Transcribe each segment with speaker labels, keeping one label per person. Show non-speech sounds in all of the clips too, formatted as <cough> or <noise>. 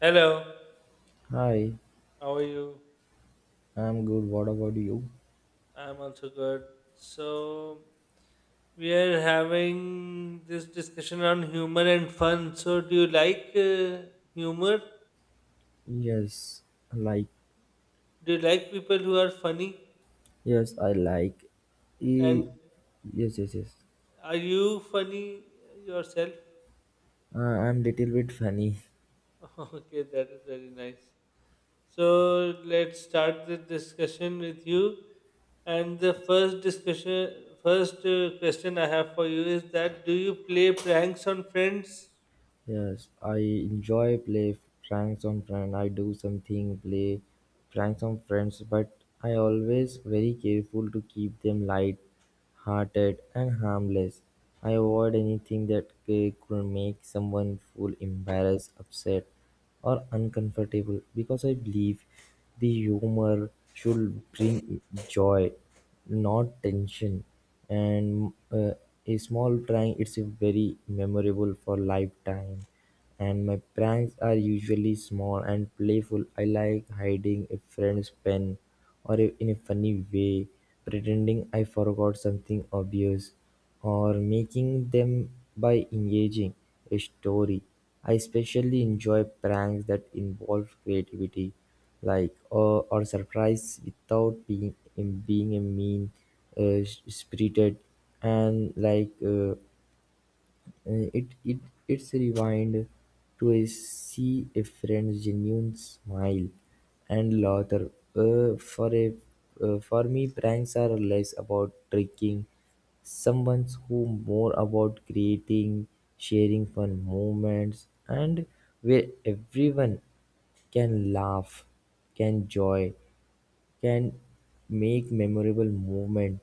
Speaker 1: Hello,
Speaker 2: Hi,
Speaker 1: how are you?
Speaker 2: I'm good. What about you?
Speaker 1: I'm also good. So, we are having this discussion on humor and fun. So, do you like humor?
Speaker 2: Yes, I like.
Speaker 1: Do you like people who are funny?
Speaker 2: Yes, I like.
Speaker 1: And
Speaker 2: E- yes, yes, yes.
Speaker 1: are you funny yourself?
Speaker 2: I'm little bit funny.
Speaker 1: <laughs> Okay, that is very nice. So, let's start the discussion with you. And the first discussion, first question I have for you is that do you play pranks on friends?
Speaker 2: Yes, I enjoy play pranks on friends. I do something play pranks on friends, but I always very careful to keep them light hearted and harmless. I avoid anything that could make someone feel embarrassed, upset, or uncomfortable because I believe the humor should bring joy, not tension. And a small prank it's a very memorable for lifetime. And my pranks are usually small and playful. I like hiding a friend's pen or in a funny way, pretending I forgot something obvious or making them by engaging a story. I especially enjoy pranks that involve creativity, like or surprise without being in being a mean spirited and like. It, it, it's rewind to a see a friend's genuine smile and laughter. For a for me, pranks are less about tricking someone's who more about creating, sharing fun moments, and where everyone can laugh, can joy, can make memorable moment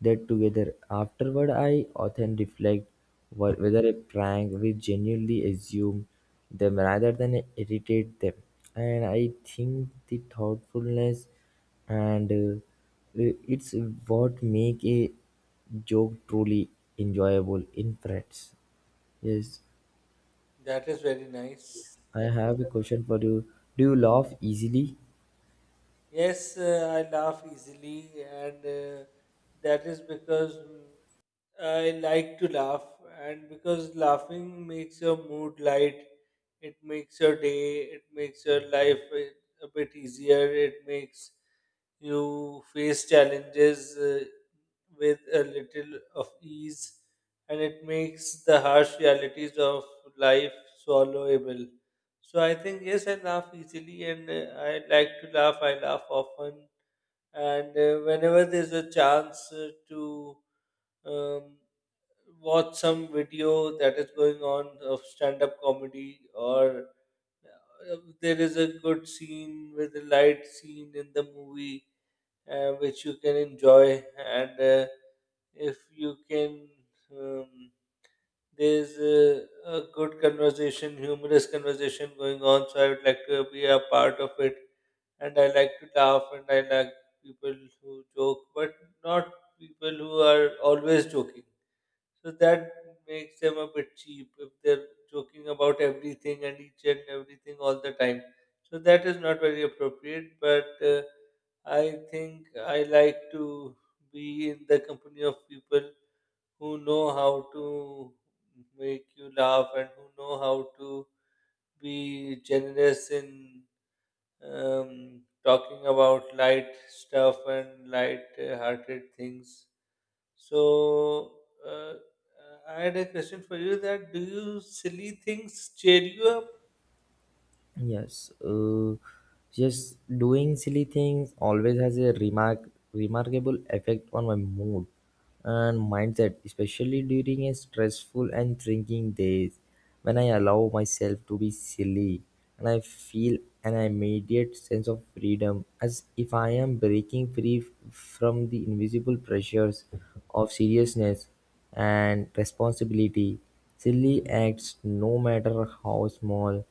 Speaker 2: that together. Afterward, I often reflect whether a prank will genuinely assume them rather than irritate them. And I think the thoughtfulness and it's what make a joke truly enjoyable in friends. Yes,
Speaker 1: That is very nice.
Speaker 2: I
Speaker 1: That is
Speaker 2: have a
Speaker 1: nice.
Speaker 2: question for you. Do you laugh easily?
Speaker 1: Yes, I laugh easily, and that is because I like to laugh, and because laughing makes your mood light. It makes your day. It makes your life a bit easier. It makes you face challenges with a little of ease, and it makes the harsh realities of life swallowable. So I think yes, I laugh easily, and I like to laugh. I laugh often, and whenever there's a chance to um, watch some video that is going on of stand-up comedy, or there is a good scene with a light scene in the movie which you can enjoy, and if you can. Um, there's a good conversation, humorous conversation going on, so I would like to be a part of it, and I like to laugh, and I like people who joke, but not people who are always joking. So that makes them a bit cheap if they're joking about everything and each and everything all the time. So that is not very appropriate, but I think I like to be in the company of people who know how to make you laugh and who know how to be generous in talking about light stuff and light-hearted things. So, uh, uh, I had a question for you that do you silly things cheer you up?
Speaker 2: Yes, just doing silly things always has a remarkable effect on my mood and mindset, especially during a stressful and thinking days when I allow myself to be silly and I feel an immediate sense of freedom as if I am breaking free from the invisible pressures of seriousness and responsibility. Silly acts, no matter how small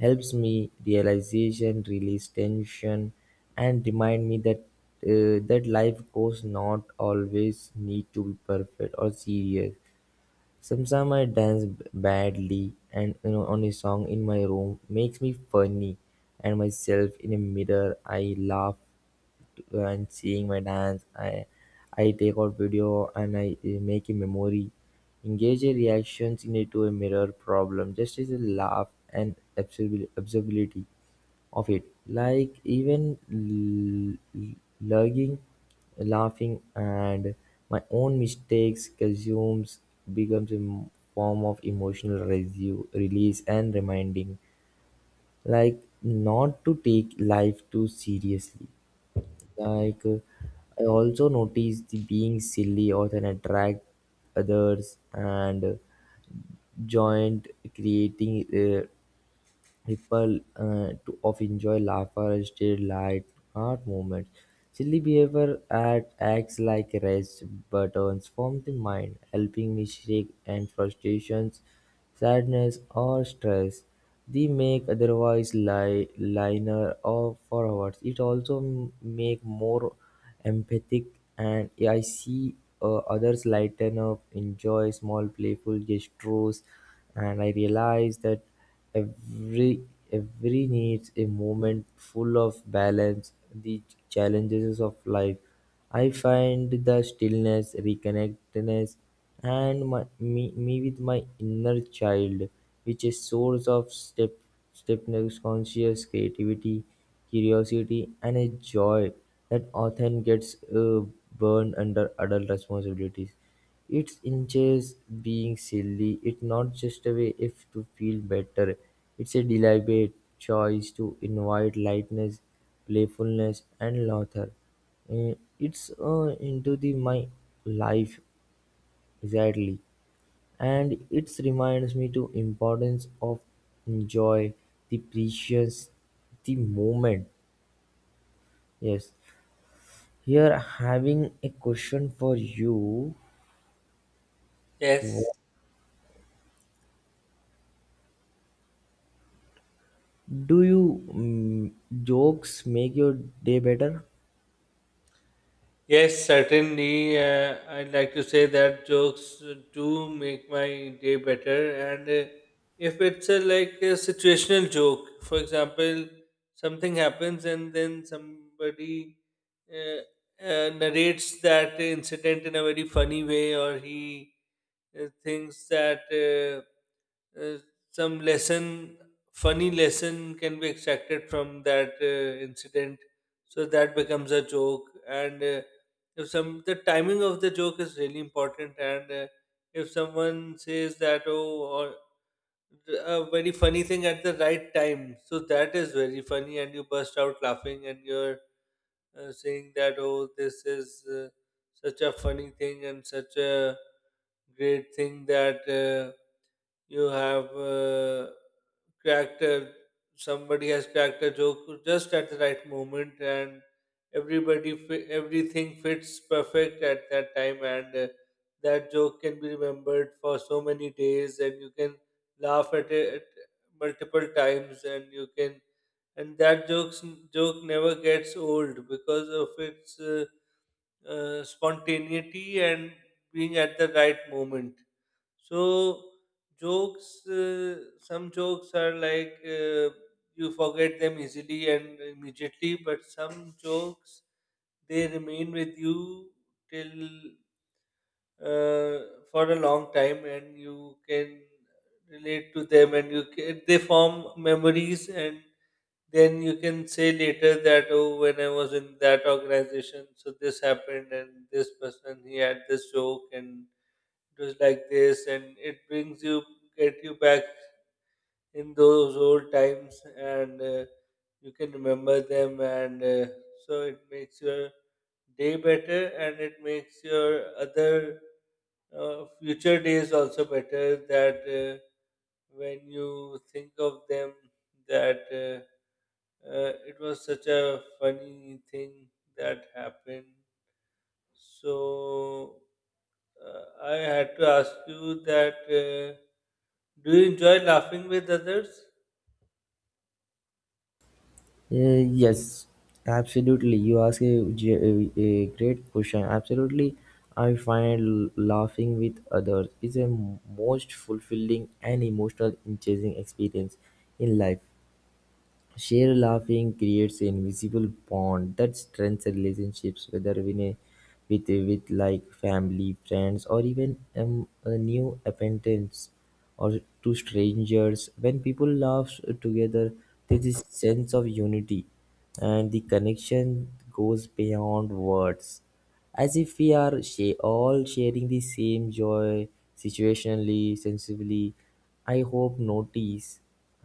Speaker 2: helps me realization release tension and remind me that that life goes not always need to be perfect or serious. Sometimes I dance badly, and you know, on a song in my room makes me funny, and myself in a mirror I laugh and seeing my dance. I take out video and I make a memory, engage a reactions in it to a mirror problem. Just as a laugh and observability of it, like even lugging, laughing, and my own mistakes consumes becomes a form of emotional release and reminding, like not to take life too seriously. Like, I also notice the being silly often attract others and joint creating. Uh, People to of enjoy laughter, state light, heart movements. Silly behavior at acts like rest buttons from the mind, helping me shake and frustrations, sadness or stress. They make otherwise liner or forwards. It also make more empathic and I see others lighten up, enjoy small playful gestures, and I realize that. Every every needs a moment full of balance, the challenges of life. I find the stillness, reconnectedness, and me with my inner child, which is source of stepness, conscious creativity, curiosity, and a joy that often gets burned under adult responsibilities. It's inches being silly, it's not just a way if to feel better, it's a deliberate choice to invite lightness, playfulness and laughter. It's into the my life exactly and it reminds me to importance of enjoy the precious the moment. Yes. Here having a question for you.
Speaker 1: Yes.
Speaker 2: Do you jokes make your day better?
Speaker 1: Yes, certainly. I'd like to say that jokes do make my day better. And if it's like a situational joke, for example, something happens and then somebody uh, narrates that incident in a very funny way, or he thinks that uh, some lesson, funny lesson, can be extracted from that incident. So that becomes a joke, and if some the timing of the joke is really important, and if someone says that oh, or a very funny thing at the right time, so that is very funny, and you burst out laughing, and you're saying that oh, this is such a funny thing and such a great thing that you have cracked a, somebody has cracked a joke just at the right moment, and everything fits perfect at that time, and that joke can be remembered for so many days, and you can laugh at it multiple times, and you can and that joke never gets old because of its spontaneity and being at the right moment. So jokes, some jokes are like you forget them easily and immediately, but some jokes they remain with you till for a long time, and you can relate to them, and you can, they form memories, and then you can say later that oh, when I was in that organization, so this happened and this person he had this joke and it was like this, and it brings you get you back in those old times, and you can remember them, and so it makes your day better, and it makes your other future days also better that when you think of them that it was such a funny thing that happened. So I had to ask you that do you enjoy laughing with others?
Speaker 2: Yes, absolutely. You ask a, a great question. Absolutely, I find laughing with others is a most fulfilling and emotional engaging experience in life. Shared laughing creates an invisible bond that strengthens relationships, whether in a, with like family, friends, or even a new acquaintance or to strangers. When people laugh together, there's this sense of unity, and the connection goes beyond words as if we are all sharing the same joy situationally sensibly. I hope notice.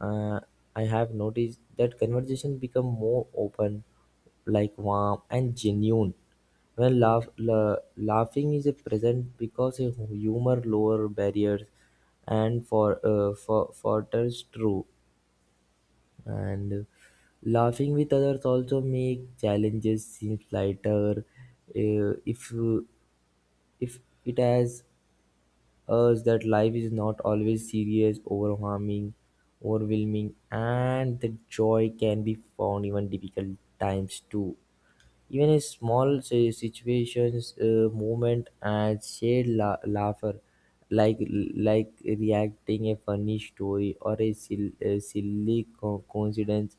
Speaker 2: uh, I have noticed that conversation become more open like warm and genuine when laugh, laughing is a present because a humor lower barriers and for for true. And laughing with others also make challenges seem lighter uh, if if it has us that life is not always serious overwhelming and the joy can be found even difficult times too. Even a small say, situations, movement, and shared laughter, like like reacting a funny story or a, a silly coincidence,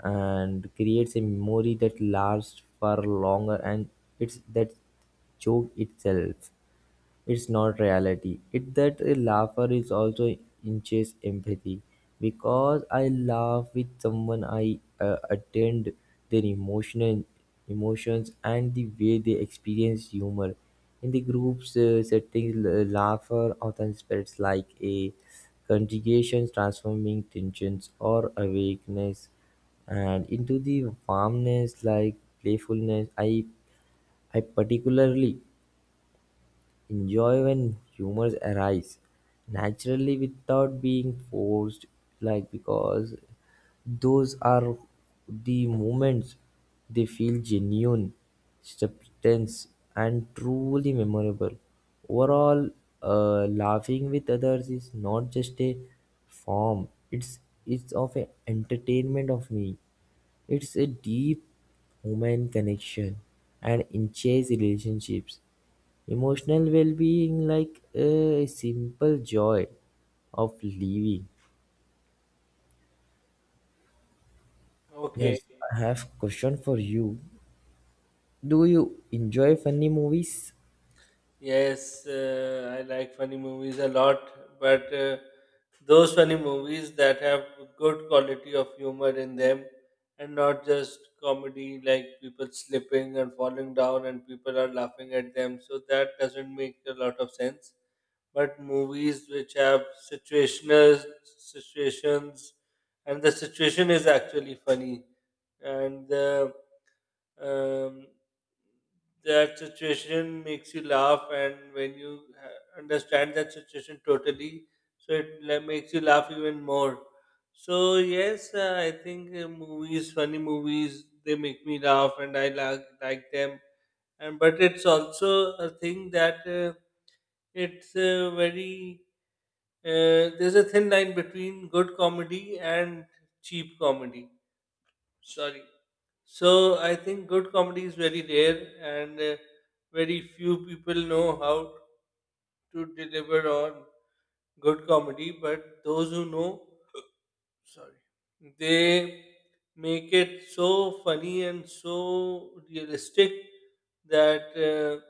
Speaker 2: and creates a memory that lasts for longer and it's that joke itself. It's not reality. It that a laugher is also inches empathy. Because I laugh with someone, I attend their emotional emotions and the way they experience humor. In the group's settings, laughter often spreads like a conjugation, transforming tensions or awakeness and into the warmness like playfulness. I particularly enjoy when humors arise naturally without being forced, like because those are the moments they feel genuine, substance, and truly memorable. Overall, laughing with others is not just a form; it's of a entertainment of me, it's a deep human connection and enriches relationships, emotional well-being like a simple joy of living.
Speaker 1: Okay.
Speaker 2: Yes, I have question for you. Do you enjoy funny movies?
Speaker 1: Yes, I like funny movies a lot, but those funny movies that have good quality of humor in them, and not just comedy like people slipping and falling down and people are laughing at them. So that doesn't make a lot of sense. But movies which have situational situations and the situation is actually funny and the um, that situation makes you laugh, and when you understand that situation totally, so it makes you laugh even more. So yes, I think movies funny movies they make me laugh, and I like them. And but it's also a thing that it's very there's a thin line between good comedy and cheap comedy. Sorry. So I think good comedy is very rare, and very few people know how to deliver on good comedy. But those who know Sorry. They make it so funny and so realistic that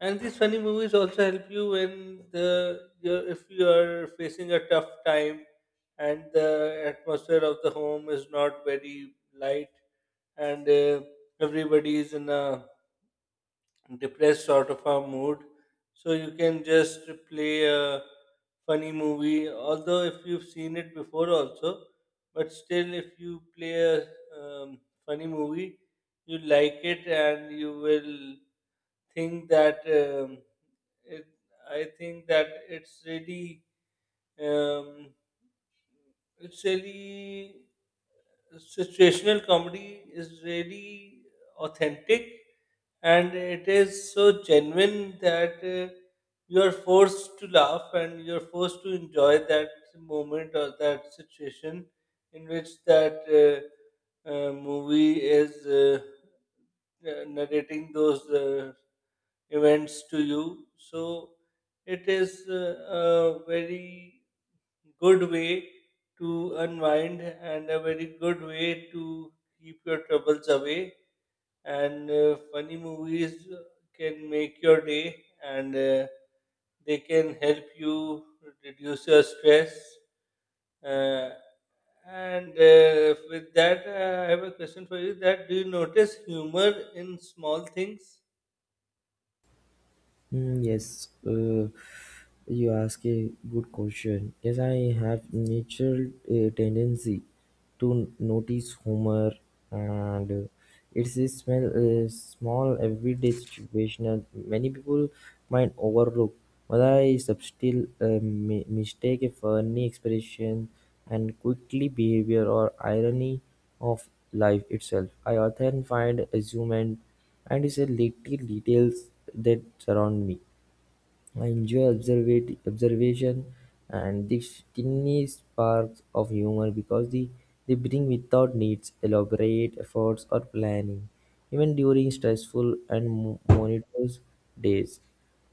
Speaker 1: and these funny movies also help you when the you're, if you are facing a tough time and the atmosphere of the home is not very light, and everybody is in a depressed sort of a mood. So you can just play a funny movie, although if you've seen it before also, but still, if you play a um, funny movie, you like it, and you will think that it, I think that um, it's really situational comedy is really authentic, and it is so genuine that you are forced to laugh, and you're forced to enjoy that moment or that situation in which that movie is narrating those events to you. So it is a very good way to unwind and a very good way to keep your troubles away, and funny movies can make your day, and they can help you reduce your stress, uh, and with that I have a question for you that do you notice humor in small things?
Speaker 2: Yes, you ask a good question. Yes, I have natural tendency to notice humor, and it's a small everyday situation that many people might overlook. But I still mistake a funny expression and quickly behavior or irony of life itself. I often find amusement and is a little details that surround me. I enjoy observation and the tiny sparks of humor because they bring without needs elaborate efforts or planning. Even during stressful and monotonous days,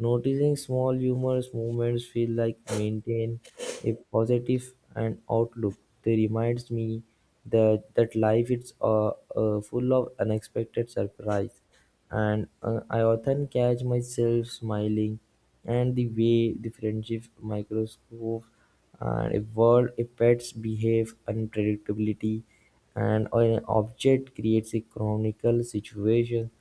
Speaker 2: noticing small humorous moments feel like maintain a positive and outlook. They reminds me that life is full of unexpected surprise, and I often catch myself smiling and the way differential microscopes and evolved pets behave, unpredictability, and an object creates a chronicle situation.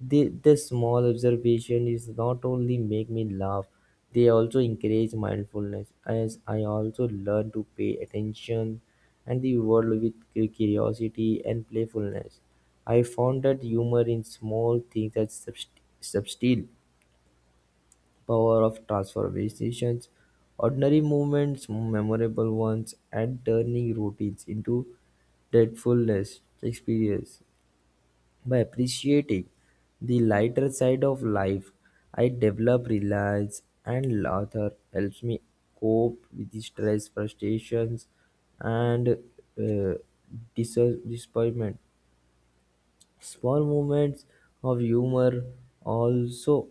Speaker 2: This small observation is not only make me laugh, they also encourage mindfulness as I also learn to pay attention and the world with curiosity and playfulness. I found that humor in small things that subtle power of transformations, ordinary moments, memorable ones, and turning routines into delightfulness experience. By appreciating the lighter side of life, I develop reliance and laughter helps me cope with the stress, frustrations, and disappointment. Small moments of humor also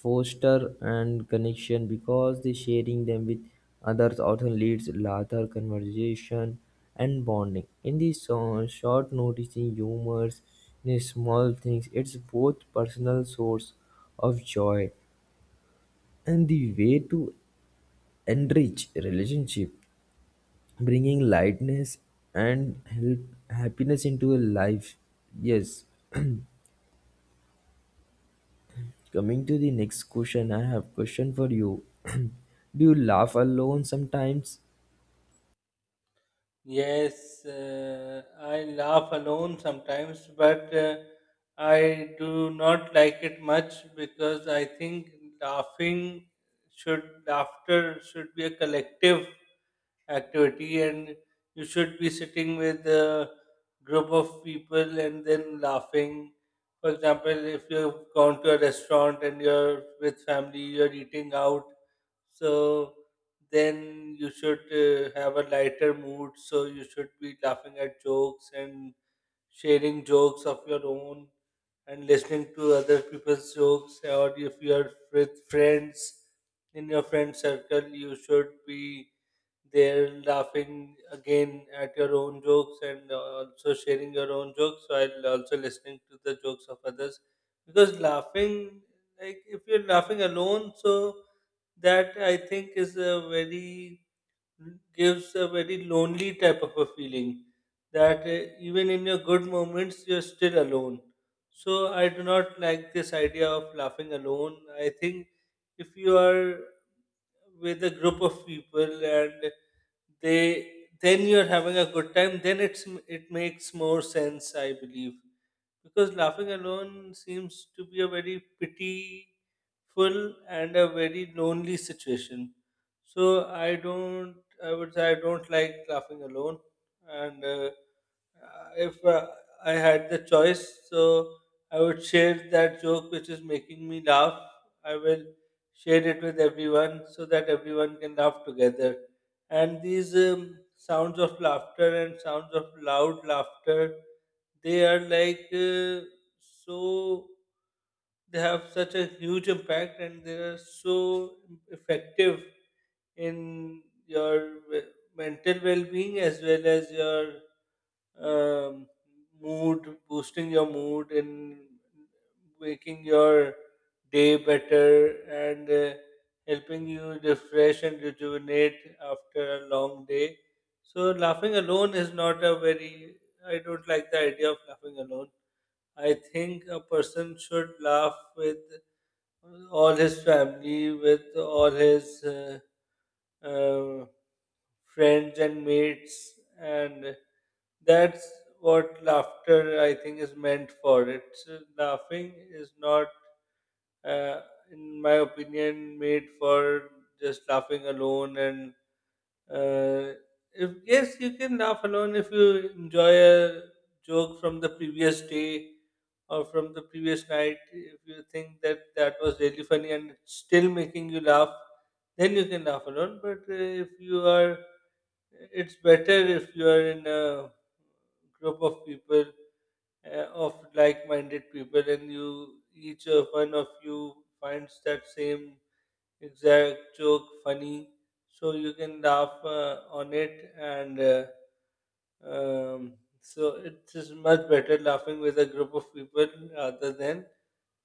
Speaker 2: foster and connection because the sharing them with others often leads larger conversation and bonding in the short noticing humors in the small things it's both personal source of joy and the way to enrich relationship bringing lightness and help happiness into a life. Yes, coming to the next question, I have question for you. <clears throat> Do you laugh alone sometimes?
Speaker 1: Yes, I laugh alone sometimes, but I do not like it much because I think laughing should laughter should be a collective activity, and you should be sitting with a group of people and then laughing. For example, if you've gone to a restaurant and you're with family, you're eating out, so then you should have a lighter mood, so you should be laughing at jokes and sharing jokes of your own and listening to other people's jokes, or if you are with friends in your friend circle, you should be there laughing again at your own jokes and also sharing your own jokes while also listening to the jokes of others. Because laughing, like if you're laughing alone, so that I think is a very gives a very lonely type of a feeling, that even in your good moments you're still alone. So I do not like this idea of laughing alone. I think if you are with a group of people and they then you're having a good time, then it's it makes more sense, I believe, because laughing alone seems to be a very pitiful and a very lonely situation. So I don't, I would say I don't like laughing alone. And if I had the choice, so I would share that joke which is making me laugh. I will share it with everyone so that everyone can laugh together, and these sounds of laughter and sounds of loud laughter, they are like so they have such a huge impact, and they are so effective in your mental well-being as well as your um, mood, boosting your mood, and making your day better, and helping you refresh and rejuvenate after a long day. So, laughing alone is not a very, I don't like the idea of laughing alone. I think a person should laugh with all his family, with all his. Uh, friends and mates, and that's what laughter I think is meant for. It's laughing is not, uh, in my opinion, made for just laughing alone. And uh, if yes, you can laugh alone if you enjoy a joke from the previous day or from the previous night. If you think that that was really funny and it's still making you laugh, then you can laugh alone. But if you are it's better if you are in a group of people of like-minded people, and you each of one of you finds that same exact joke funny, so you can laugh on it, and um, so it is much better laughing with a group of people rather than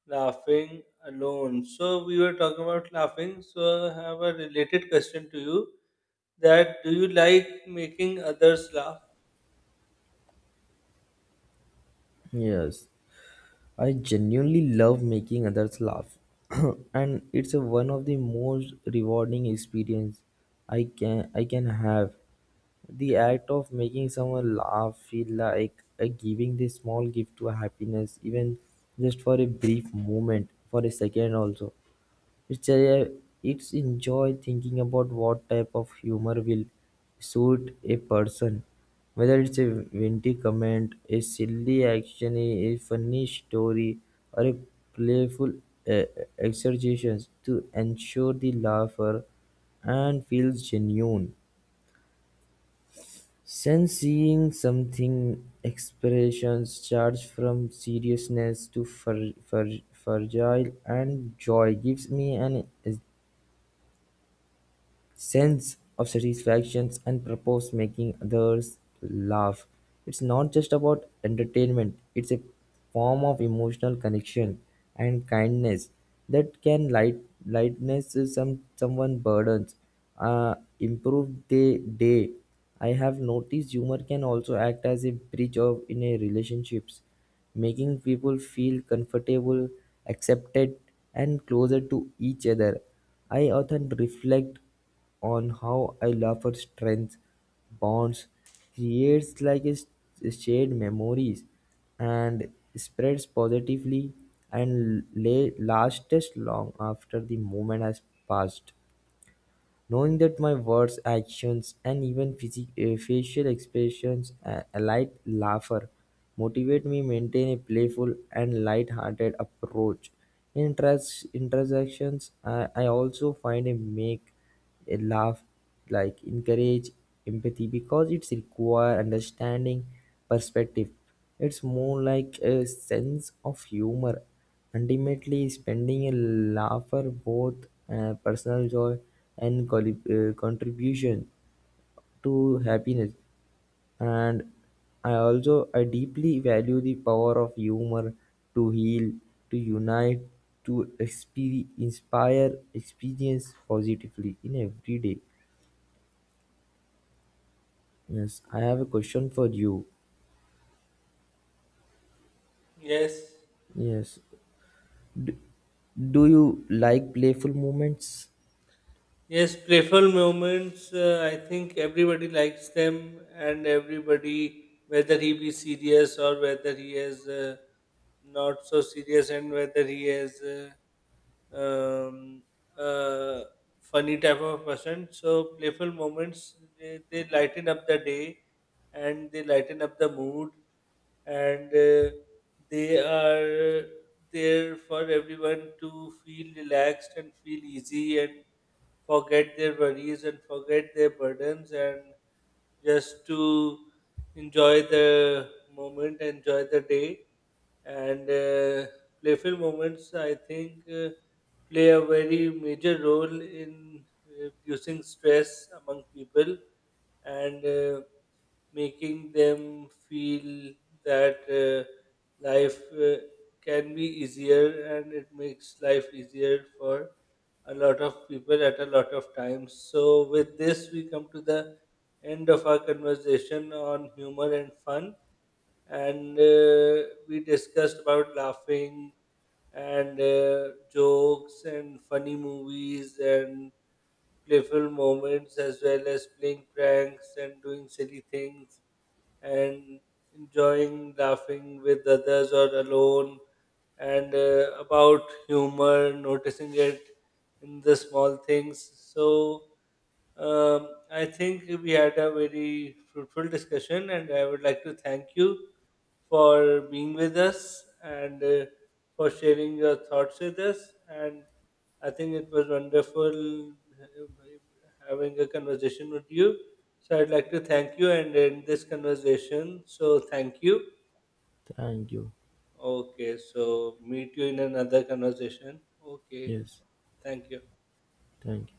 Speaker 1: laughing alone. So we were talking about laughing, so I have a related question to you, that do you like making others laugh?
Speaker 2: Yes, I genuinely love making others laugh, <clears throat> and it's a, one of the most rewarding experience I can have. The act of making someone laugh feel like a giving this small gift to happiness, even just for a brief moment, for a second also. It's a it's enjoy thinking about what type of humor will suit a person. Whether it's a witty comment, a silly action, a funny story, or a playful uh, exercises to ensure the laugher and feels genuine. Since seeing something expressions charged from seriousness to fragile and joy gives me an sense of satisfaction and purpose making others laugh. It's not just about entertainment, it's a form of emotional connection and kindness that can lightness is some someone burdens, improve their day. I have noticed humor can also act as a bridge of in a relationships, making people feel comfortable, accepted, and closer to each other. I often reflect on how I love her strength, bonds, creates like a shared memories and spreads positively and lay lasts long after the moment has passed. Knowing that my words, actions, and even facial expressions alight laugher motivate me maintain a playful and light-hearted approach. In transactions, I also find a make a laugh like encourage empathy because it's require understanding perspective. It's more like a sense of humor. Ultimately, spending a laughter both personal joy and contribution to happiness. And I deeply value the power of humor to heal, to unite, to inspire, experience positively in every day. Yes, I have a question for you.
Speaker 1: Yes,
Speaker 2: Yes, do you like playful moments?
Speaker 1: yes, playful moments. I think everybody likes them, and everybody, whether he be serious or whether he is not so serious, and whether he is um, uh, funny type of person. So playful moments they lighten up the day, and they lighten up the mood, and they are there for everyone to feel relaxed and feel easy and forget their worries and forget their burdens and just to enjoy the moment, enjoy the day. And playful moments, I think, play a very major role in reducing stress among people. And making them feel that life can be easier, and it makes life easier for a lot of people at a lot of times. So, with this, we come to the end of our conversation on humor and fun. And we discussed about laughing and jokes and funny movies and playful moments, as well as playing pranks and doing silly things and enjoying laughing with others or alone, and about humor, noticing it in the small things. So I think we had a very fruitful discussion, and I would like to thank you for being with us, and for sharing your thoughts with us. And I think it was wonderful having a conversation with you. So I'd like to thank you and end this conversation. So thank you.
Speaker 2: Thank you.
Speaker 1: Okay, so meet you in another conversation. Okay,
Speaker 2: Yes,
Speaker 1: thank you.
Speaker 2: thank you.